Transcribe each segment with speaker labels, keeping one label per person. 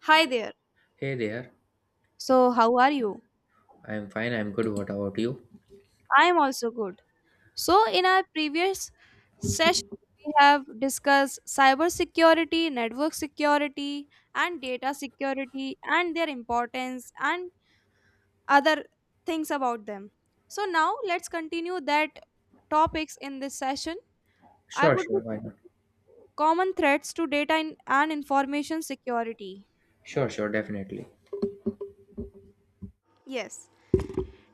Speaker 1: Hi there.
Speaker 2: Hey there.
Speaker 1: So, how are you?
Speaker 2: I'm fine. I'm good. What about you?
Speaker 1: I am also good. So, in our previous session, we have discussed cybersecurity, network security, and data security and their importance and other things about them. So, now let's continue that topics in this session. I
Speaker 2: Sure,
Speaker 1: would be
Speaker 2: sure. Why not?
Speaker 1: common threats to data and information security.
Speaker 2: Sure, sure. Definitely.
Speaker 1: Yes.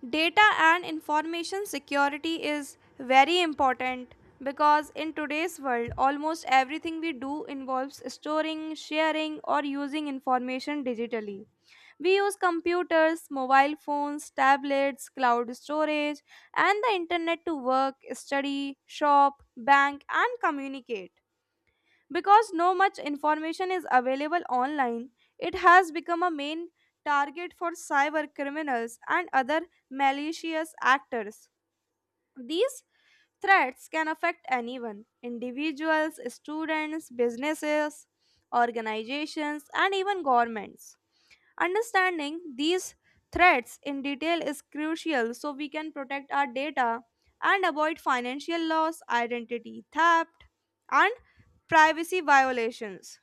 Speaker 1: Data and information security is very important because in today's world, almost everything we do involves storing, sharing, or using information digitally. We use computers, mobile phones, tablets, cloud storage, and the internet to work, study, shop, bank, and communicate. Because no much information is available online, it has become a main target for cyber criminals and other malicious actors. These threats can affect anyone individuals, students, businesses, organizations, and even governments. Understanding these threats in detail is crucial so we can protect our data and avoid financial loss, identity theft, and privacy violations.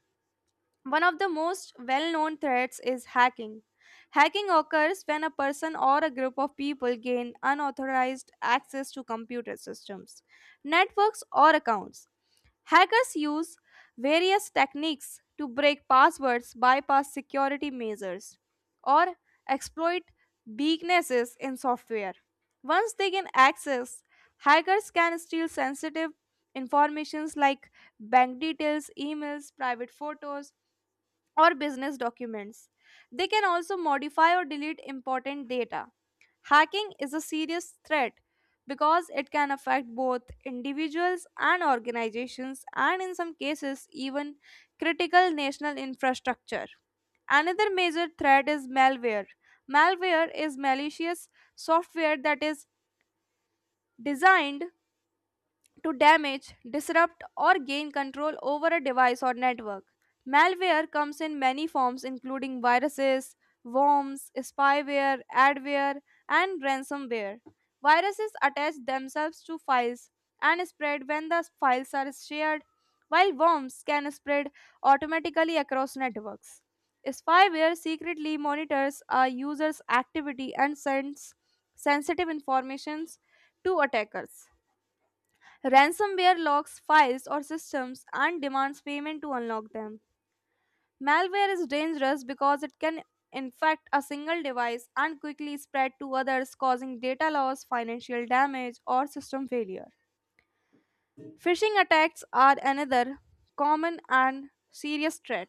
Speaker 1: One of the most well known threats is hacking. Hacking occurs when a person or a group of people gain unauthorized access to computer systems, networks, or accounts. Hackers use various techniques to break passwords, bypass security measures, or exploit weaknesses in software. Once they gain access, hackers can steal sensitive informations like bank details, emails, private photos, or business documents. They can also modify or delete important data. Hacking is a serious threat because it can affect both individuals and organizations, and in some cases, even critical national infrastructure. Another major threat is malware. Malware is malicious software that is designed to damage, disrupt, or gain control over a device or network. Malware comes in many forms, including viruses, worms, spyware, adware, and ransomware. Viruses attach themselves to files and spread when the files are shared, while worms can spread automatically across networks. Spyware secretly monitors a user's activity and sends sensitive informations to attackers. Ransomware locks files or systems and demands payment to unlock them. Malware is dangerous because it can infect a single device and quickly spread to others, causing data loss, financial damage, or system failure. Phishing attacks are another common and serious threat.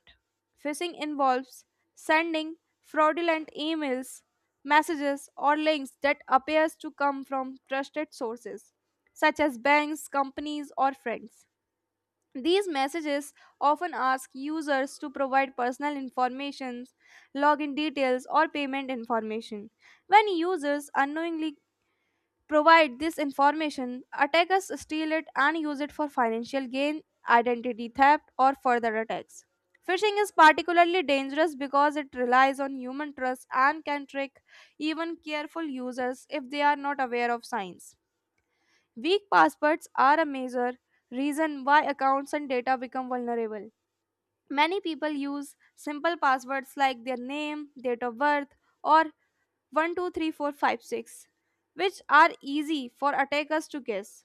Speaker 1: Phishing involves sending fraudulent emails, messages, or links that appears to come from trusted sources such as banks, companies, or friends. These messages often ask users to provide personal information, login details, or payment information. When users unknowingly provide this information, attackers steal it and use it for financial gain, identity theft, or further attacks. Phishing is particularly dangerous because it relies on human trust and can trick even careful users if they are not aware of signs. Weak passwords are a major reason why accounts and data become vulnerable. Many people use simple passwords like their name, date of birth, or 123456, which are easy for attackers to guess.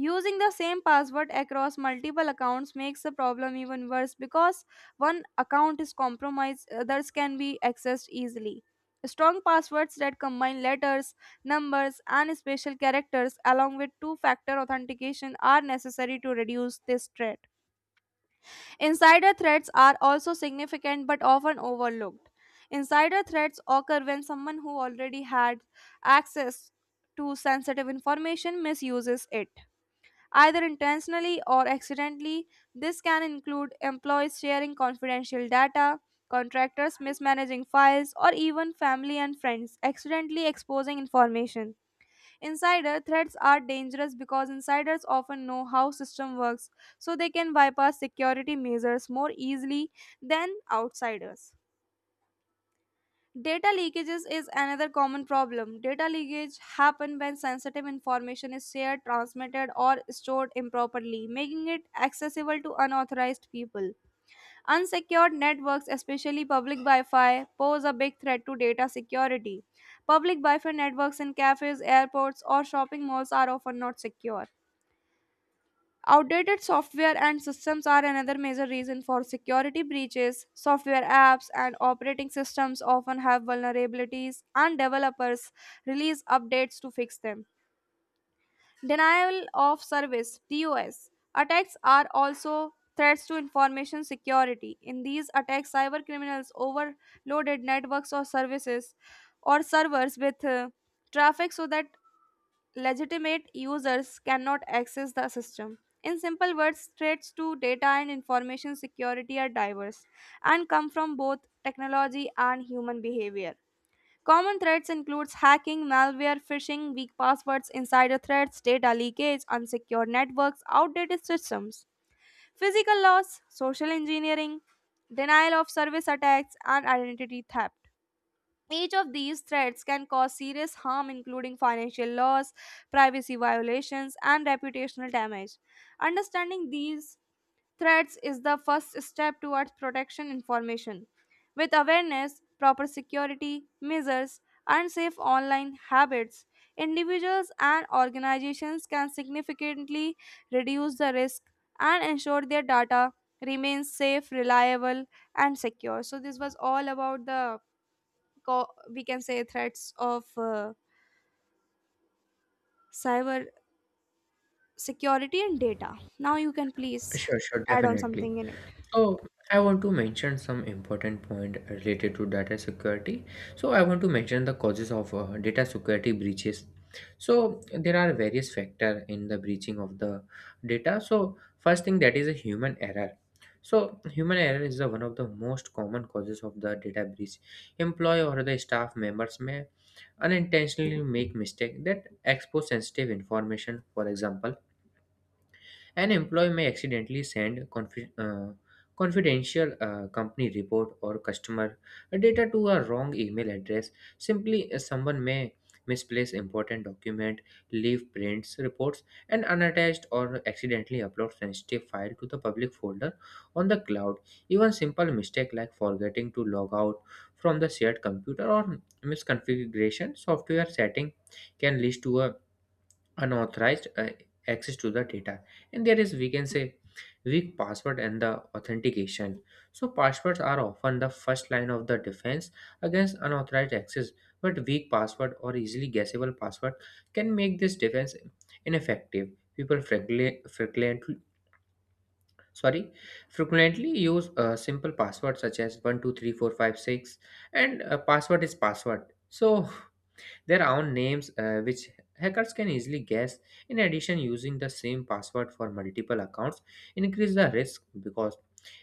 Speaker 1: Using the same password across multiple accounts makes the problem even worse because one account is compromised, others can be accessed easily. Strong passwords that combine letters, numbers, and special characters along with two factor authentication are necessary to reduce this threat. Insider threats are also significant but often overlooked. Insider threats occur when someone who already had access to sensitive information misuses it, either intentionally or accidentally. This can include employees sharing confidential data, contractors mismanaging files, or even family and friends accidentally exposing information. Insider threats are dangerous because insiders often know how system works, so they can bypass security measures more easily than outsiders. Data leakages is another common problem. Data leakage happen when sensitive information is shared, transmitted or stored improperly, making it accessible to unauthorized people. Unsecured networks, especially public Wi Fi, pose a big threat to data security. Public Wi Fi networks in cafes, airports, or shopping malls are often not secure. Outdated software and systems are another major reason for security breaches. Software apps and operating systems often have vulnerabilities, and developers release updates to fix them. Denial of service DOS attacks are also threats to information security. In these attacks, cyber criminals overloaded networks or servers with traffic so that legitimate users cannot access the system. In simple words, threats to data and information security are diverse and come from both technology and human behavior. Common threats includes hacking, malware, phishing, weak passwords, insider threats, data leakage, unsecure networks, outdated systems, physical loss, social engineering, denial of service attacks, and identity theft. Each of these threats can cause serious harm, including financial loss, privacy violations, and reputational damage. Understanding these threats is the first step towards protection information. With awareness, proper security measures, and safe online habits, individuals and organizations can significantly reduce the risk and ensure their data remains safe, reliable, and secure. So this was all about the we can say threats of cyber security and data. Now you can please
Speaker 2: Sure, sure.
Speaker 1: add on
Speaker 2: Definitely.
Speaker 1: something in it.
Speaker 2: So, I want to mention some important point related to data security. So, I want to mention the causes of data security breaches. So, there are various factor in the breaching of the data. So, first thing that is a human error. So, human error is the one of the most common causes of the data breach. Employee or the staff members may unintentionally make mistake that expose sensitive information, for example an employee may accidentally send confidential company report or customer data to a wrong email address. Simply, someone may misplace important document, leave prints, reports, and unattached or accidentally upload sensitive file to the public folder on the cloud. Even simple mistake like forgetting to log out from the shared computer or misconfiguration software setting can lead to a unauthorized access to the data. And there is, we can say, weak password and the authentication. So passwords are often the first line of the defense against unauthorized access, but weak password or easily guessable password can make this defense ineffective. People sorry frequently use a simple password such as 123456, and a password is password, so their own names, which hackers can easily guess. In addition, using the same password for multiple accounts increase the risk because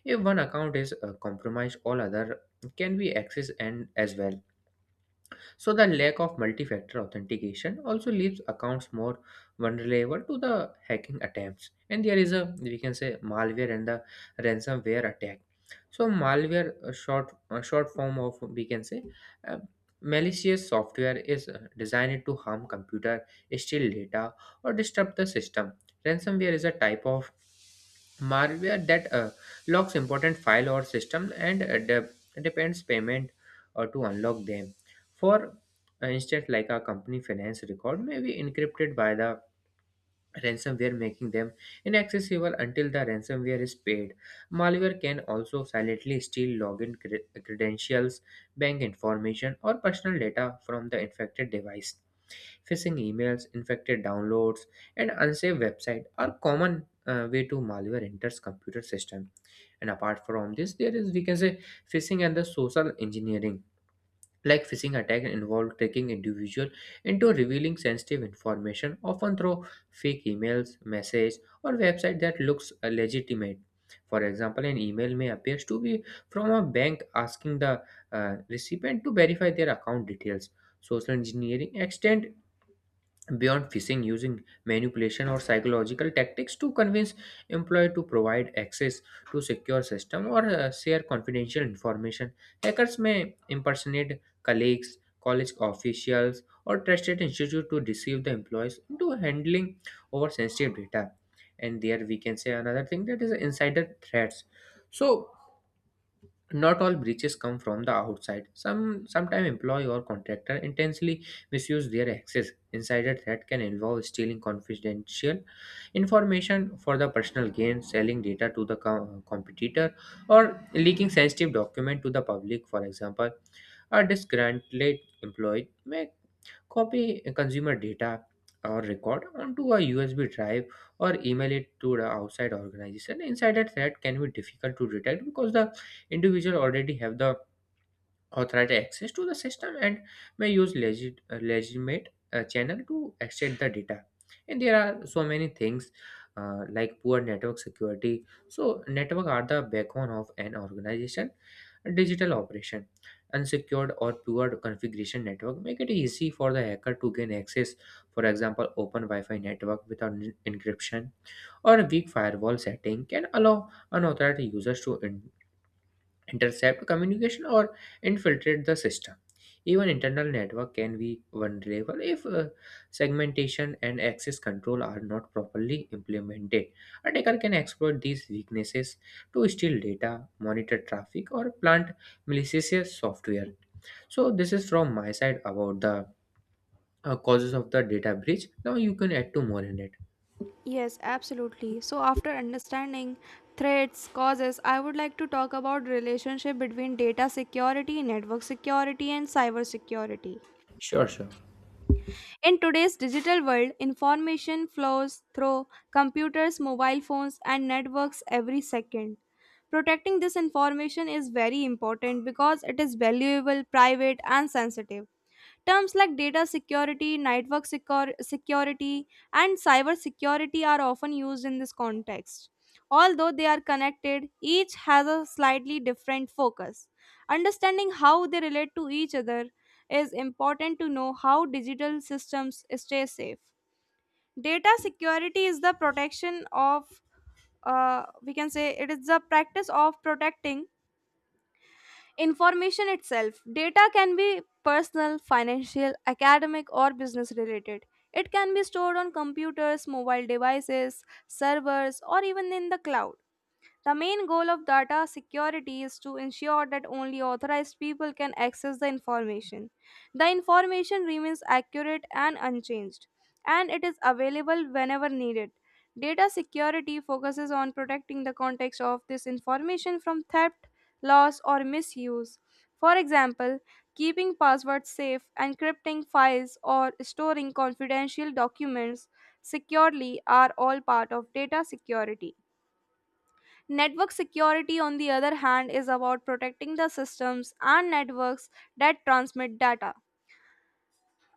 Speaker 2: if one account is compromised, all other can be accessed and as well. So the lack of multi-factor authentication also leaves accounts more vulnerable to the hacking attempts. And there is a, we can say, malware and the ransomware attack. So malware, a short form of, we can say, uh, malicious software, is designed to harm computer, steal data, or disrupt the system. Ransomware is a type of malware that locks important file or system and depends payment to unlock them. For instance, like a company finance record may be encrypted by the ransomware, making them inaccessible until the ransomware is paid. Malware can also silently steal login credentials, bank information, or personal data from the infected device. Phishing emails, infected downloads, and unsafe website are common way to malware enters computer system. And apart from this, there is, we can say, phishing and the social engineering. Like phishing attack involve tricking individual into revealing sensitive information, often through fake emails, message, or website that looks legitimate. For example, an email may appears to be from a bank asking the recipient to verify their account details. Social engineering extend beyond phishing, using manipulation or psychological tactics to convince employee to provide access to secure system or share confidential information. Hackers may impersonate colleagues, college officials, or trusted institute to deceive the employees into handling over sensitive data. And there, we can say, another thing that is insider threats. So not all breaches come from the outside. Sometime employee or contractor intentionally misuse their access. Insider threat can involve stealing confidential information for the personal gain, selling data to the competitor, or leaking sensitive document to the public. For example, a disgruntled employee may copy consumer data or record onto a USB drive or email it to the outside organization. Insider threat can be difficult to detect because the individual already have the authority access to the system and may use legitimate channel to extract the data. And there are so many things, like poor network security. So network are the backbone of an organization digital operation. Unsecured or poor configuration network make it easy for the hacker to gain access. For example, open wi-fi network without encryption or a weak firewall setting can allow unauthorized users to intercept communication or infiltrate the system. Even internal network can be vulnerable if segmentation and access control are not properly implemented. Attacker can exploit these weaknesses to steal data, monitor traffic, or plant malicious software. So this is from my side about the causes of the data breach. Now you can add to more in it.
Speaker 1: Yes, absolutely. So after understanding threats, causes, I would like to talk about relationship between data security, network security and cyber security.
Speaker 2: Sure, sure.
Speaker 1: In today's digital world, information flows through computers, mobile phones and networks every second. Protecting this information is very important because it is valuable, private and sensitive. Terms like data security, network security, and cyber security are often used in this context. Although they are connected, each has a slightly different focus. Understanding how they relate to each other is important to know how digital systems stay safe. Data security is the protection of We can say it is the practice of protecting information itself. Data can be personal, financial, academic, or business related. It can be stored on computers, mobile devices, servers, or even in the cloud. The main goal of data security is to ensure that only authorized people can access the information. The information remains accurate and unchanged, and it is available whenever needed. Data security focuses on protecting the context of this information from theft, loss, or misuse. For example, keeping passwords safe, encrypting files, or storing confidential documents securely are all part of data security. Network security, on the other hand, is about protecting the systems and networks that transmit data.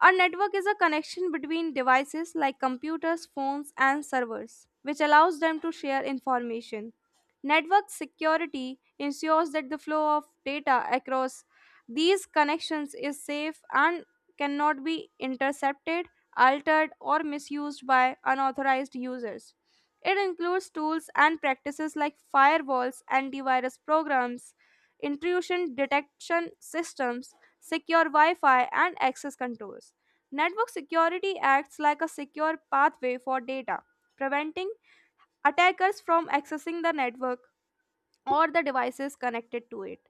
Speaker 1: A network is a connection between devices like computers, phones, and servers, which allows them to share information. Network security ensures that the flow of data across these connections is safe and cannot be intercepted, altered, or misused by unauthorized users. It includes tools and practices like firewalls, antivirus programs, intrusion detection systems, secure Wi Fi, and access controls. Network security acts like a secure pathway for data, preventing attackers from accessing the network or the devices connected to it.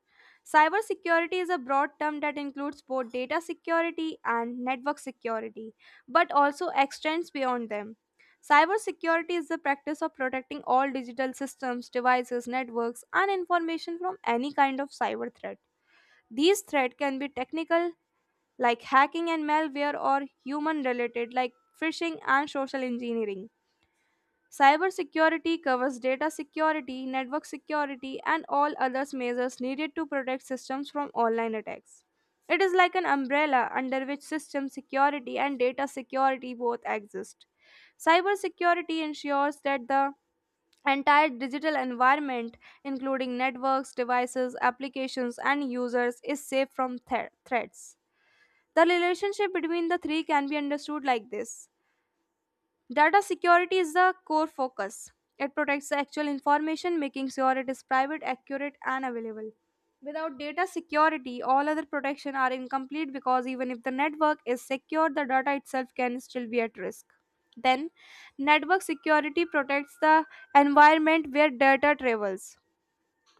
Speaker 1: Cybersecurity is a broad term that includes both data security and network security, but also extends beyond them. Cybersecurity is the practice of protecting all digital systems, devices, networks, and information from any kind of cyber threat. These threats can be technical, like hacking and malware or human related like phishing and social engineering. Cybersecurity covers data security, network security, and all other measures needed to protect systems from online attacks. It is like an umbrella under which system security and data security both exist. Cybersecurity ensures that the entire digital environment, including networks, devices, applications, and users, is safe from threats. The relationship between the three can be understood like this. Data security is the core focus, it protects the actual information, making sure it is private, accurate, and available. Without data security, all other protection are incomplete because even if the network is secure, the data itself can still be at risk. Then, network security protects the environment where data travels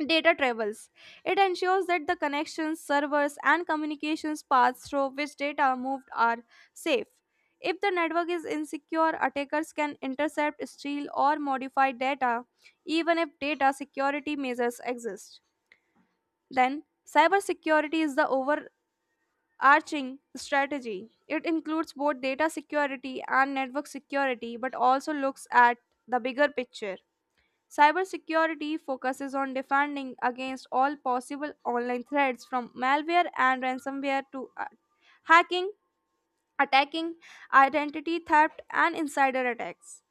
Speaker 1: data travels. It ensures that the connections, servers, and communications paths through which data moved are safe. If the network is insecure, attackers can intercept, steal, or modify data, even if data security measures exist. Then, cybersecurity is the overarching strategy. It includes both data security and network security, but also looks at the bigger picture. Cybersecurity focuses on defending against all possible online threats from malware and ransomware to hacking, attacking, identity theft, and insider attacks.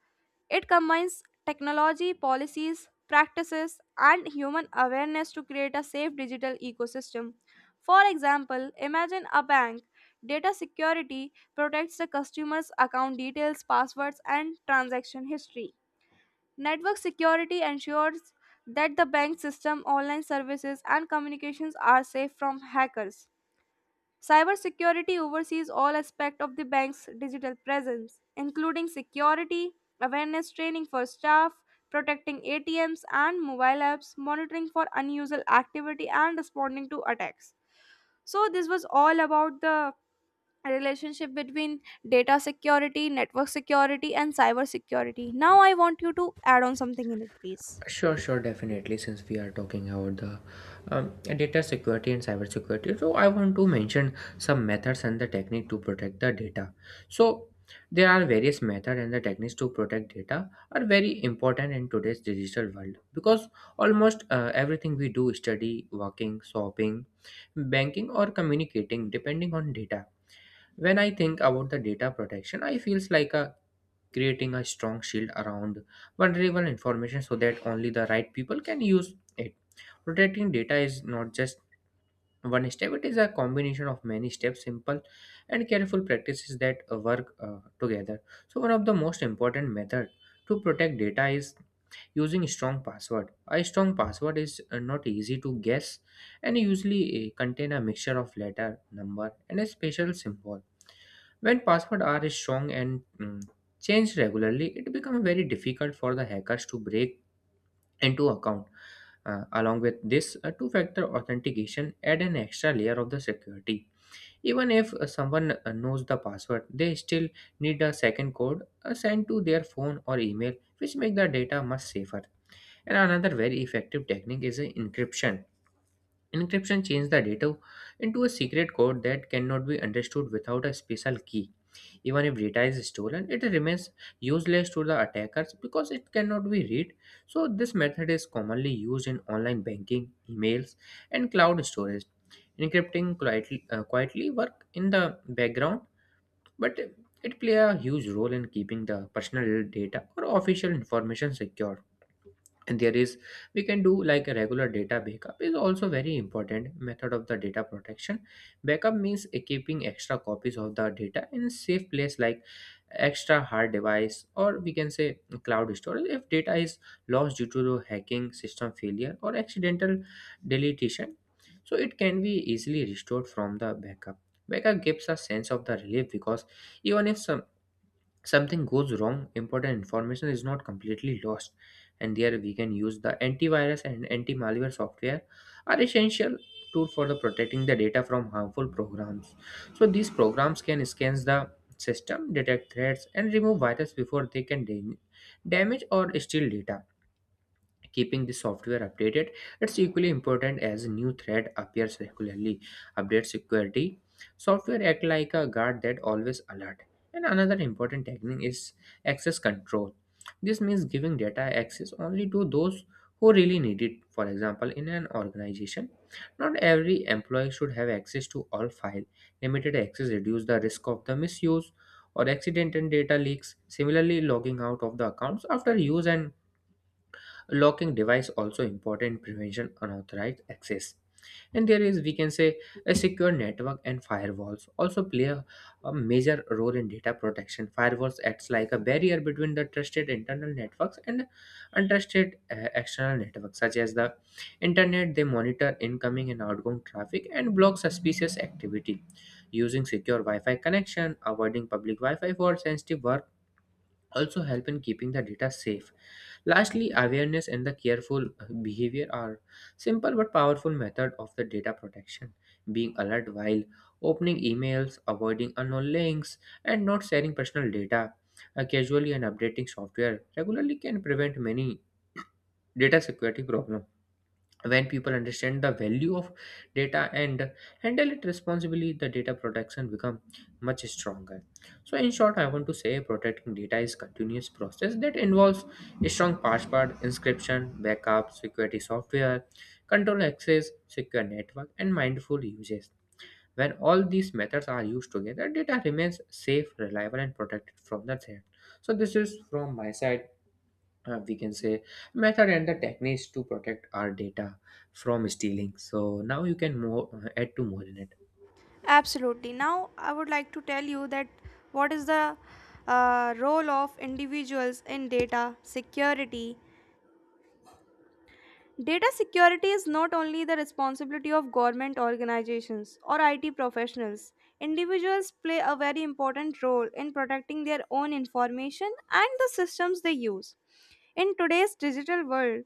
Speaker 1: It combines technology, policies, practices, and human awareness to create a safe digital ecosystem. For example, imagine a bank. Data security protects the customer's account details, passwords, and transaction history. Network security ensures that the bank system, online services, and communications are safe from hackers. Cybersecurity oversees all aspects of the bank's digital presence, including security, awareness training for staff, protecting ATMs and mobile apps, monitoring for unusual activity, and responding to attacks. So, this was all about the relationship between data security, network security, and cyber security. Now, I want you to add on something in it, please.
Speaker 2: Sure, sure, definitely. Since we are talking about the data security and cyber security, so I want to mention some methods and the technique to protect the data. So there are various methods and the techniques to protect data are very important in today's digital world because almost everything we do, study, working, shopping, banking, or communicating, depending on data. When I think about the data protection, I feels like a creating a strong shield around vulnerable information so that only the right people can use it. Protecting data is not just one step, it is a combination of many steps, simple and careful practices that work together. So, one of the most important method to protect data is using strong password. A strong password is not easy to guess and usually contain a mixture of letter, number, and a special symbol. When passwords are strong and changed regularly, it becomes very difficult for the hackers to break into account. Along with this, two-factor authentication add an extra layer of the security. Even if someone knows the password, they still need a second code sent to their phone or email, which make the data much safer. And another very effective technique is encryption. Encryption changes the data into a secret code that cannot be understood without a special key. Even if data is stolen, it remains useless to the attackers because it cannot be read. So, this method is commonly used in online banking, emails, and cloud storage. Quietly work in the background, but it play a huge role in keeping the personal data or official information secure. And there is, we can do like, a regular data backup is also very important method of the data protection. Backup means keeping extra copies of the data in safe place like extra hard device or, we can say, cloud storage. If data is lost due to the hacking, system failure, or accidental deletion, so it can be easily restored from the backup. Backup gives a sense of the relief because even if something goes wrong, important information is not completely lost. And there we can use the antivirus and anti-malware software are essential tool for the protecting the data from harmful programs. So these programs can scan the system, detect threats, and remove virus before they can damage or steal data. Keeping the software updated, it's equally important as new threat appears regularly. Update security software act like a guard that always alert. And another important technique is access control. This means giving data access only to those who really need it. For example, in an organization, not every employee should have access to all file. Limited access reduce the risk of the misuse or accident and data leaks. Similarly, logging out of the accounts after use and locking device also important in prevention unauthorized access. And there is, we can say, a secure network and firewalls also play a major role in data protection. Firewalls acts like a barrier between the trusted internal networks and untrusted external networks such as the internet. They monitor incoming and outgoing traffic and block suspicious activity. Using secure wi-fi connection, avoiding public wi-fi for sensitive work, also help in keeping the data safe. Lastly, awareness and the careful behavior are simple but powerful method of the data protection. Being alert while opening emails, avoiding unknown links, and not sharing personal data casually and updating software regularly can prevent many data security problems. When people understand the value of data and handle it responsibly, the data protection become much stronger. So, in short, I want to say protecting data is continuous process that involves a strong password, inscription, backup, security software, control access, secure network, and mindful uses. When all these methods are used together, data remains safe, reliable, and protected from the threat. So this is from my side, we can say, method and the techniques to protect our data from stealing. So now you can more add to more in it.
Speaker 1: Absolutely. Now, I would like to tell you that what is the role of individuals in data security. Data security is not only the responsibility of government organizations or IT professionals. Individuals play a very important role in protecting their own information and the systems they use. In today's digital world,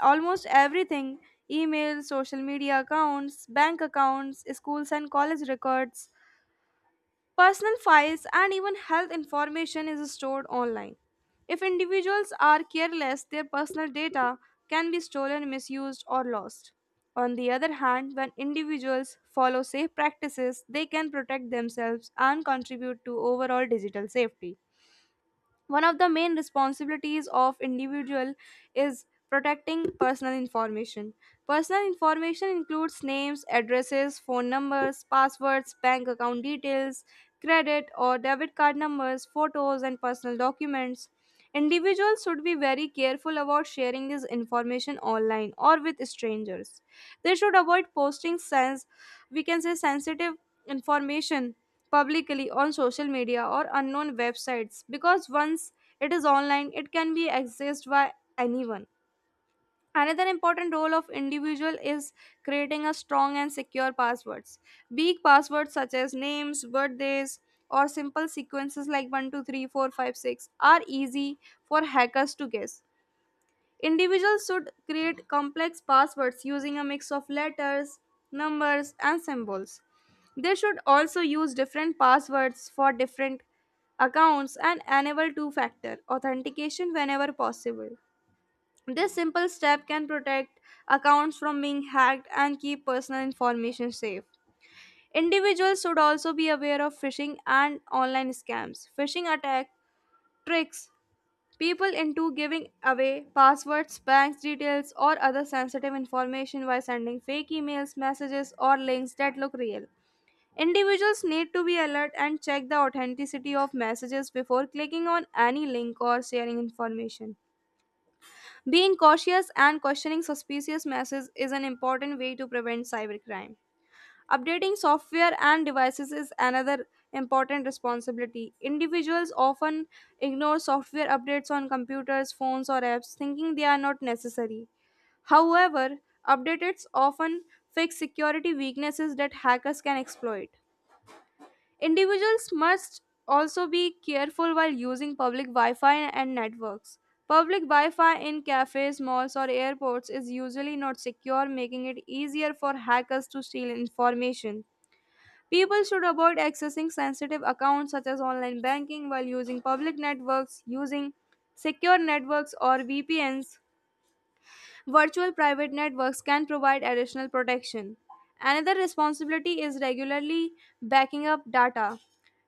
Speaker 1: almost everything, emails, social media accounts, bank accounts, schools and college records, personal files and even health information is stored online. If individuals are careless, their personal data can be stolen, misused, or lost. On the other hand, when individuals follow safe practices, they can protect themselves and contribute to overall digital safety. One of the main responsibilities of individual is protecting personal information. Personal information includes names, addresses, phone numbers, passwords, bank account details, credit or debit card numbers, photos and personal documents. Individuals should be very careful about sharing this information online or with strangers. They should avoid posting sense we can say sensitive information publicly on social media or unknown websites, because once it is online it can be accessed by anyone. Another important role of individual is creating a strong and secure passwords. Weak passwords such as names, birthdays, or simple sequences like 1 2 3 4 5 6 are easy for hackers to guess. Individuals should create complex passwords using a mix of letters, numbers, and symbols. They should also use different passwords for different accounts and enable two factor authentication whenever possible. This simple step can protect accounts from being hacked and keep personal information safe. Individuals should also be aware of phishing and online scams. Phishing attack tricks people into giving away passwords, bank details, or other sensitive information by sending fake emails, messages, or links that look real. Individuals need to be alert and check the authenticity of messages before clicking on any link or sharing information. Being cautious and questioning suspicious messages is an important way to prevent cybercrime. Updating software and devices is another important responsibility. Individuals often ignore software updates on computers, phones, or apps, thinking they are not necessary. However, updates often fix security weaknesses that hackers can exploit. Individuals must also be careful while using public Wi Fi and networks. Public Wi Fi in cafes, malls, or airports is usually not secure, making it easier for hackers to steal information. People should avoid accessing sensitive accounts such as online banking while using public networks. Using secure networks or VPNs, virtual private networks, can provide additional protection. Another responsibility is regularly backing up data.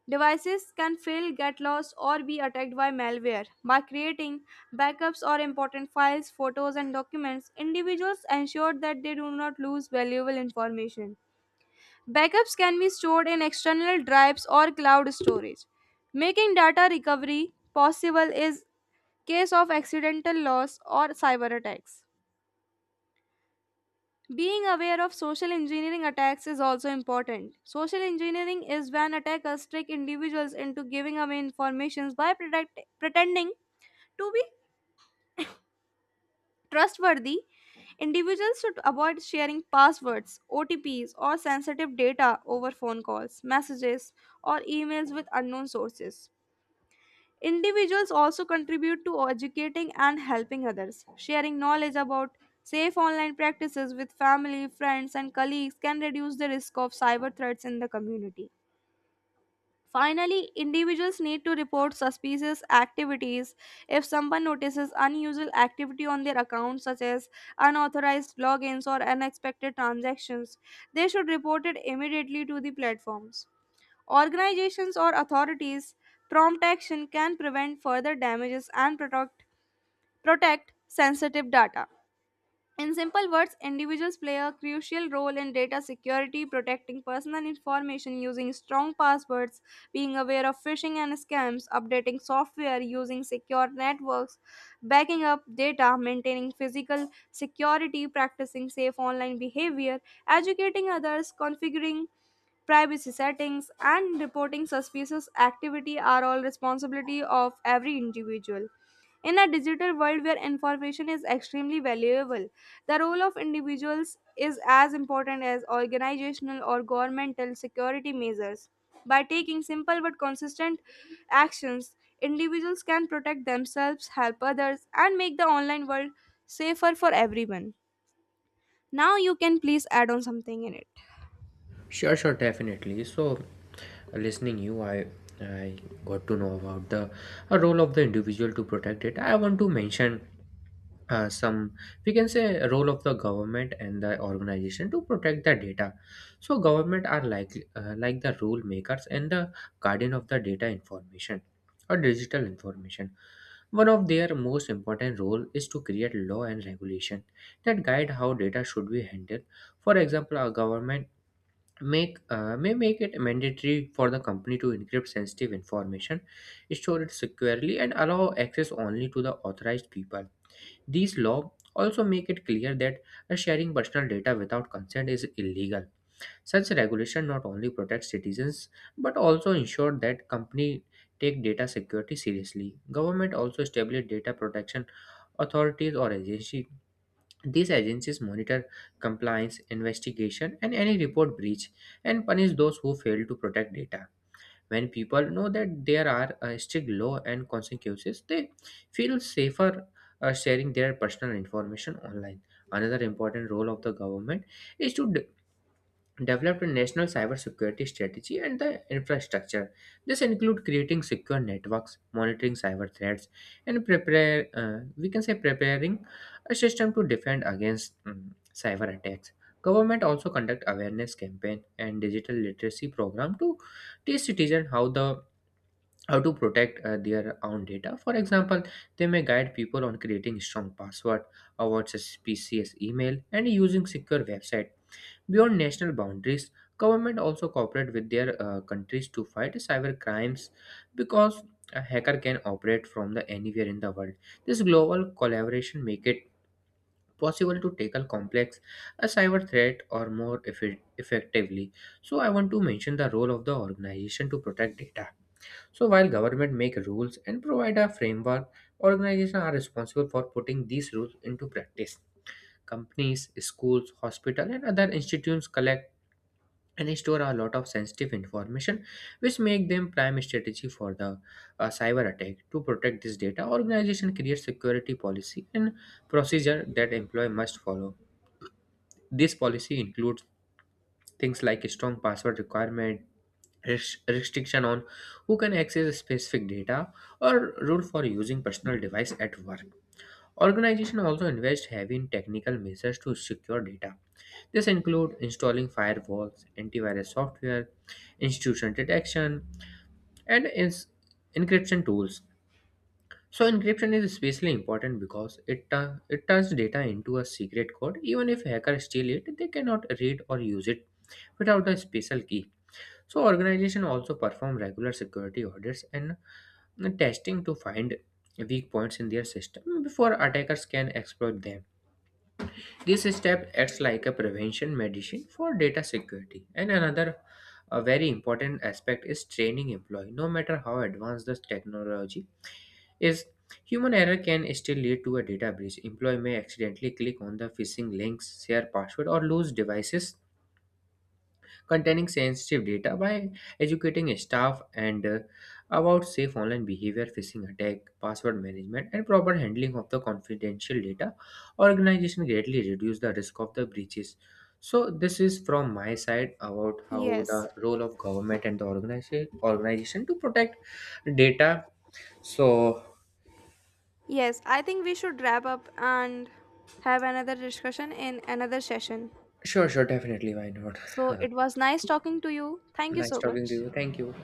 Speaker 1: Devices can fail, get lost, or be attacked by malware. By creating backups or important files, photos, and documents, individuals ensure that they do not lose valuable information. Backups can be stored in external drives or cloud storage. Making data recovery possible is case of accidental loss or cyber attacks. Being aware of social engineering attacks is also important. Social engineering is when attackers trick individuals into giving away information by pretending to be trustworthy. Individuals should avoid sharing passwords, OTPs, or sensitive data over phone calls, messages, or emails with unknown sources. Individuals also contribute to educating and helping others. Sharing knowledge about safe online practices with family, friends, and colleagues can reduce the risk of cyber threats in the community. Finally, individuals need to report suspicious activities if someone notices unusual activity on their account, such as unauthorized logins or unexpected transactions. They should report it immediately to the platforms. Organizations or authorities' prompt action can prevent further damages and protect sensitive data. In simple words, individuals play a crucial role in data security. Protecting personal information using strong passwords, being aware of phishing and scams, updating software, using secure networks, backing up data, maintaining physical security, practicing safe online behavior, educating others, configuring privacy settings, and reporting suspicious activity are all responsibility of every individual. In a digital world where information is extremely valuable, the role of individuals is as important as organizational or governmental security measures. By taking simple but consistent actions, individuals can protect themselves, help others, and make the online world safer for everyone. Now you can please add on something in it.
Speaker 2: Sure, sure, definitely. So, listening you, I got to know about the role of the individual to protect it. I want to mention some, we can say, a role of the government and the organization to protect the data. So government are like the rule makers and the guardian of the data information or digital information. One of their most important role is to create law and regulation that guide how data should be handled. For example, a government make may make it mandatory for the company to encrypt sensitive information, store it securely, and allow access only to the authorized people. These laws also make it clear that sharing personal data without consent is illegal. Such regulation not only protects citizens but also ensure that companies take data security seriously. Government also establish data protection authorities or agencies. These agencies monitor compliance, investigation, and any report breach and punish those who fail to protect data. When people know that there are strict law and consequences, they feel safer sharing their personal information online. Another important role of the government is to developed a national cybersecurity strategy and the infrastructure. This include creating secure networks, monitoring cyber threats, and prepare we can say preparing a system to defend against cyber attacks. Government also conduct awareness campaign and digital literacy program to teach citizens how to protect their own data. For example, they may guide people on creating strong password, avoid suspicious email, and using secure website. Beyond national boundaries, government also cooperate with their countries to fight cyber crimes because a hacker can operate from the anywhere in the world. This global collaboration make it possible to tackle complex a cyber threat or more effectively. So I want to mention the role of the organization to protect data. So while government make rules and provide a framework, organizations are responsible for putting these rules into practice. Companies, schools, hospitals, and other institutions collect and they store a lot of sensitive information, which make them prime strategy for the cyber attack. To protect this data, organization creates security policy and procedure that employee must follow. This policy includes things like a strong password requirement, restriction on who can access specific data or rule for using personal device at work. Organization also invest heavy in technical measures to secure data. This includes installing firewalls, antivirus software, intrusion detection, and encryption tools. So encryption is especially important because it turns data into a secret code. Even if hackers steal it, they cannot read or use it without a special key. So organizations also perform regular security audits and testing to find weak points in their system before attackers can exploit them. This step acts like a prevention medicine for data security. And another a very important aspect is training employee. No matter how advanced the technology is, human error can still lead to a data breach. Employee may accidentally click on the phishing links, share password, or lose devices containing sensitive data. By educating staff and about safe online behavior, phishing attack, password management, and proper handling of the confidential data, organization greatly reduce the risk of the breaches. So this is from my side about how
Speaker 1: Yes.
Speaker 2: the role of government and the organization to protect data. So
Speaker 1: Yes, I think we should wrap up and have another discussion in another session.
Speaker 2: sure, sure, definitely. Why not?
Speaker 1: So it was nice talking to you. Thank you
Speaker 2: Nice
Speaker 1: so
Speaker 2: talking to
Speaker 1: much.
Speaker 2: you. Thank you.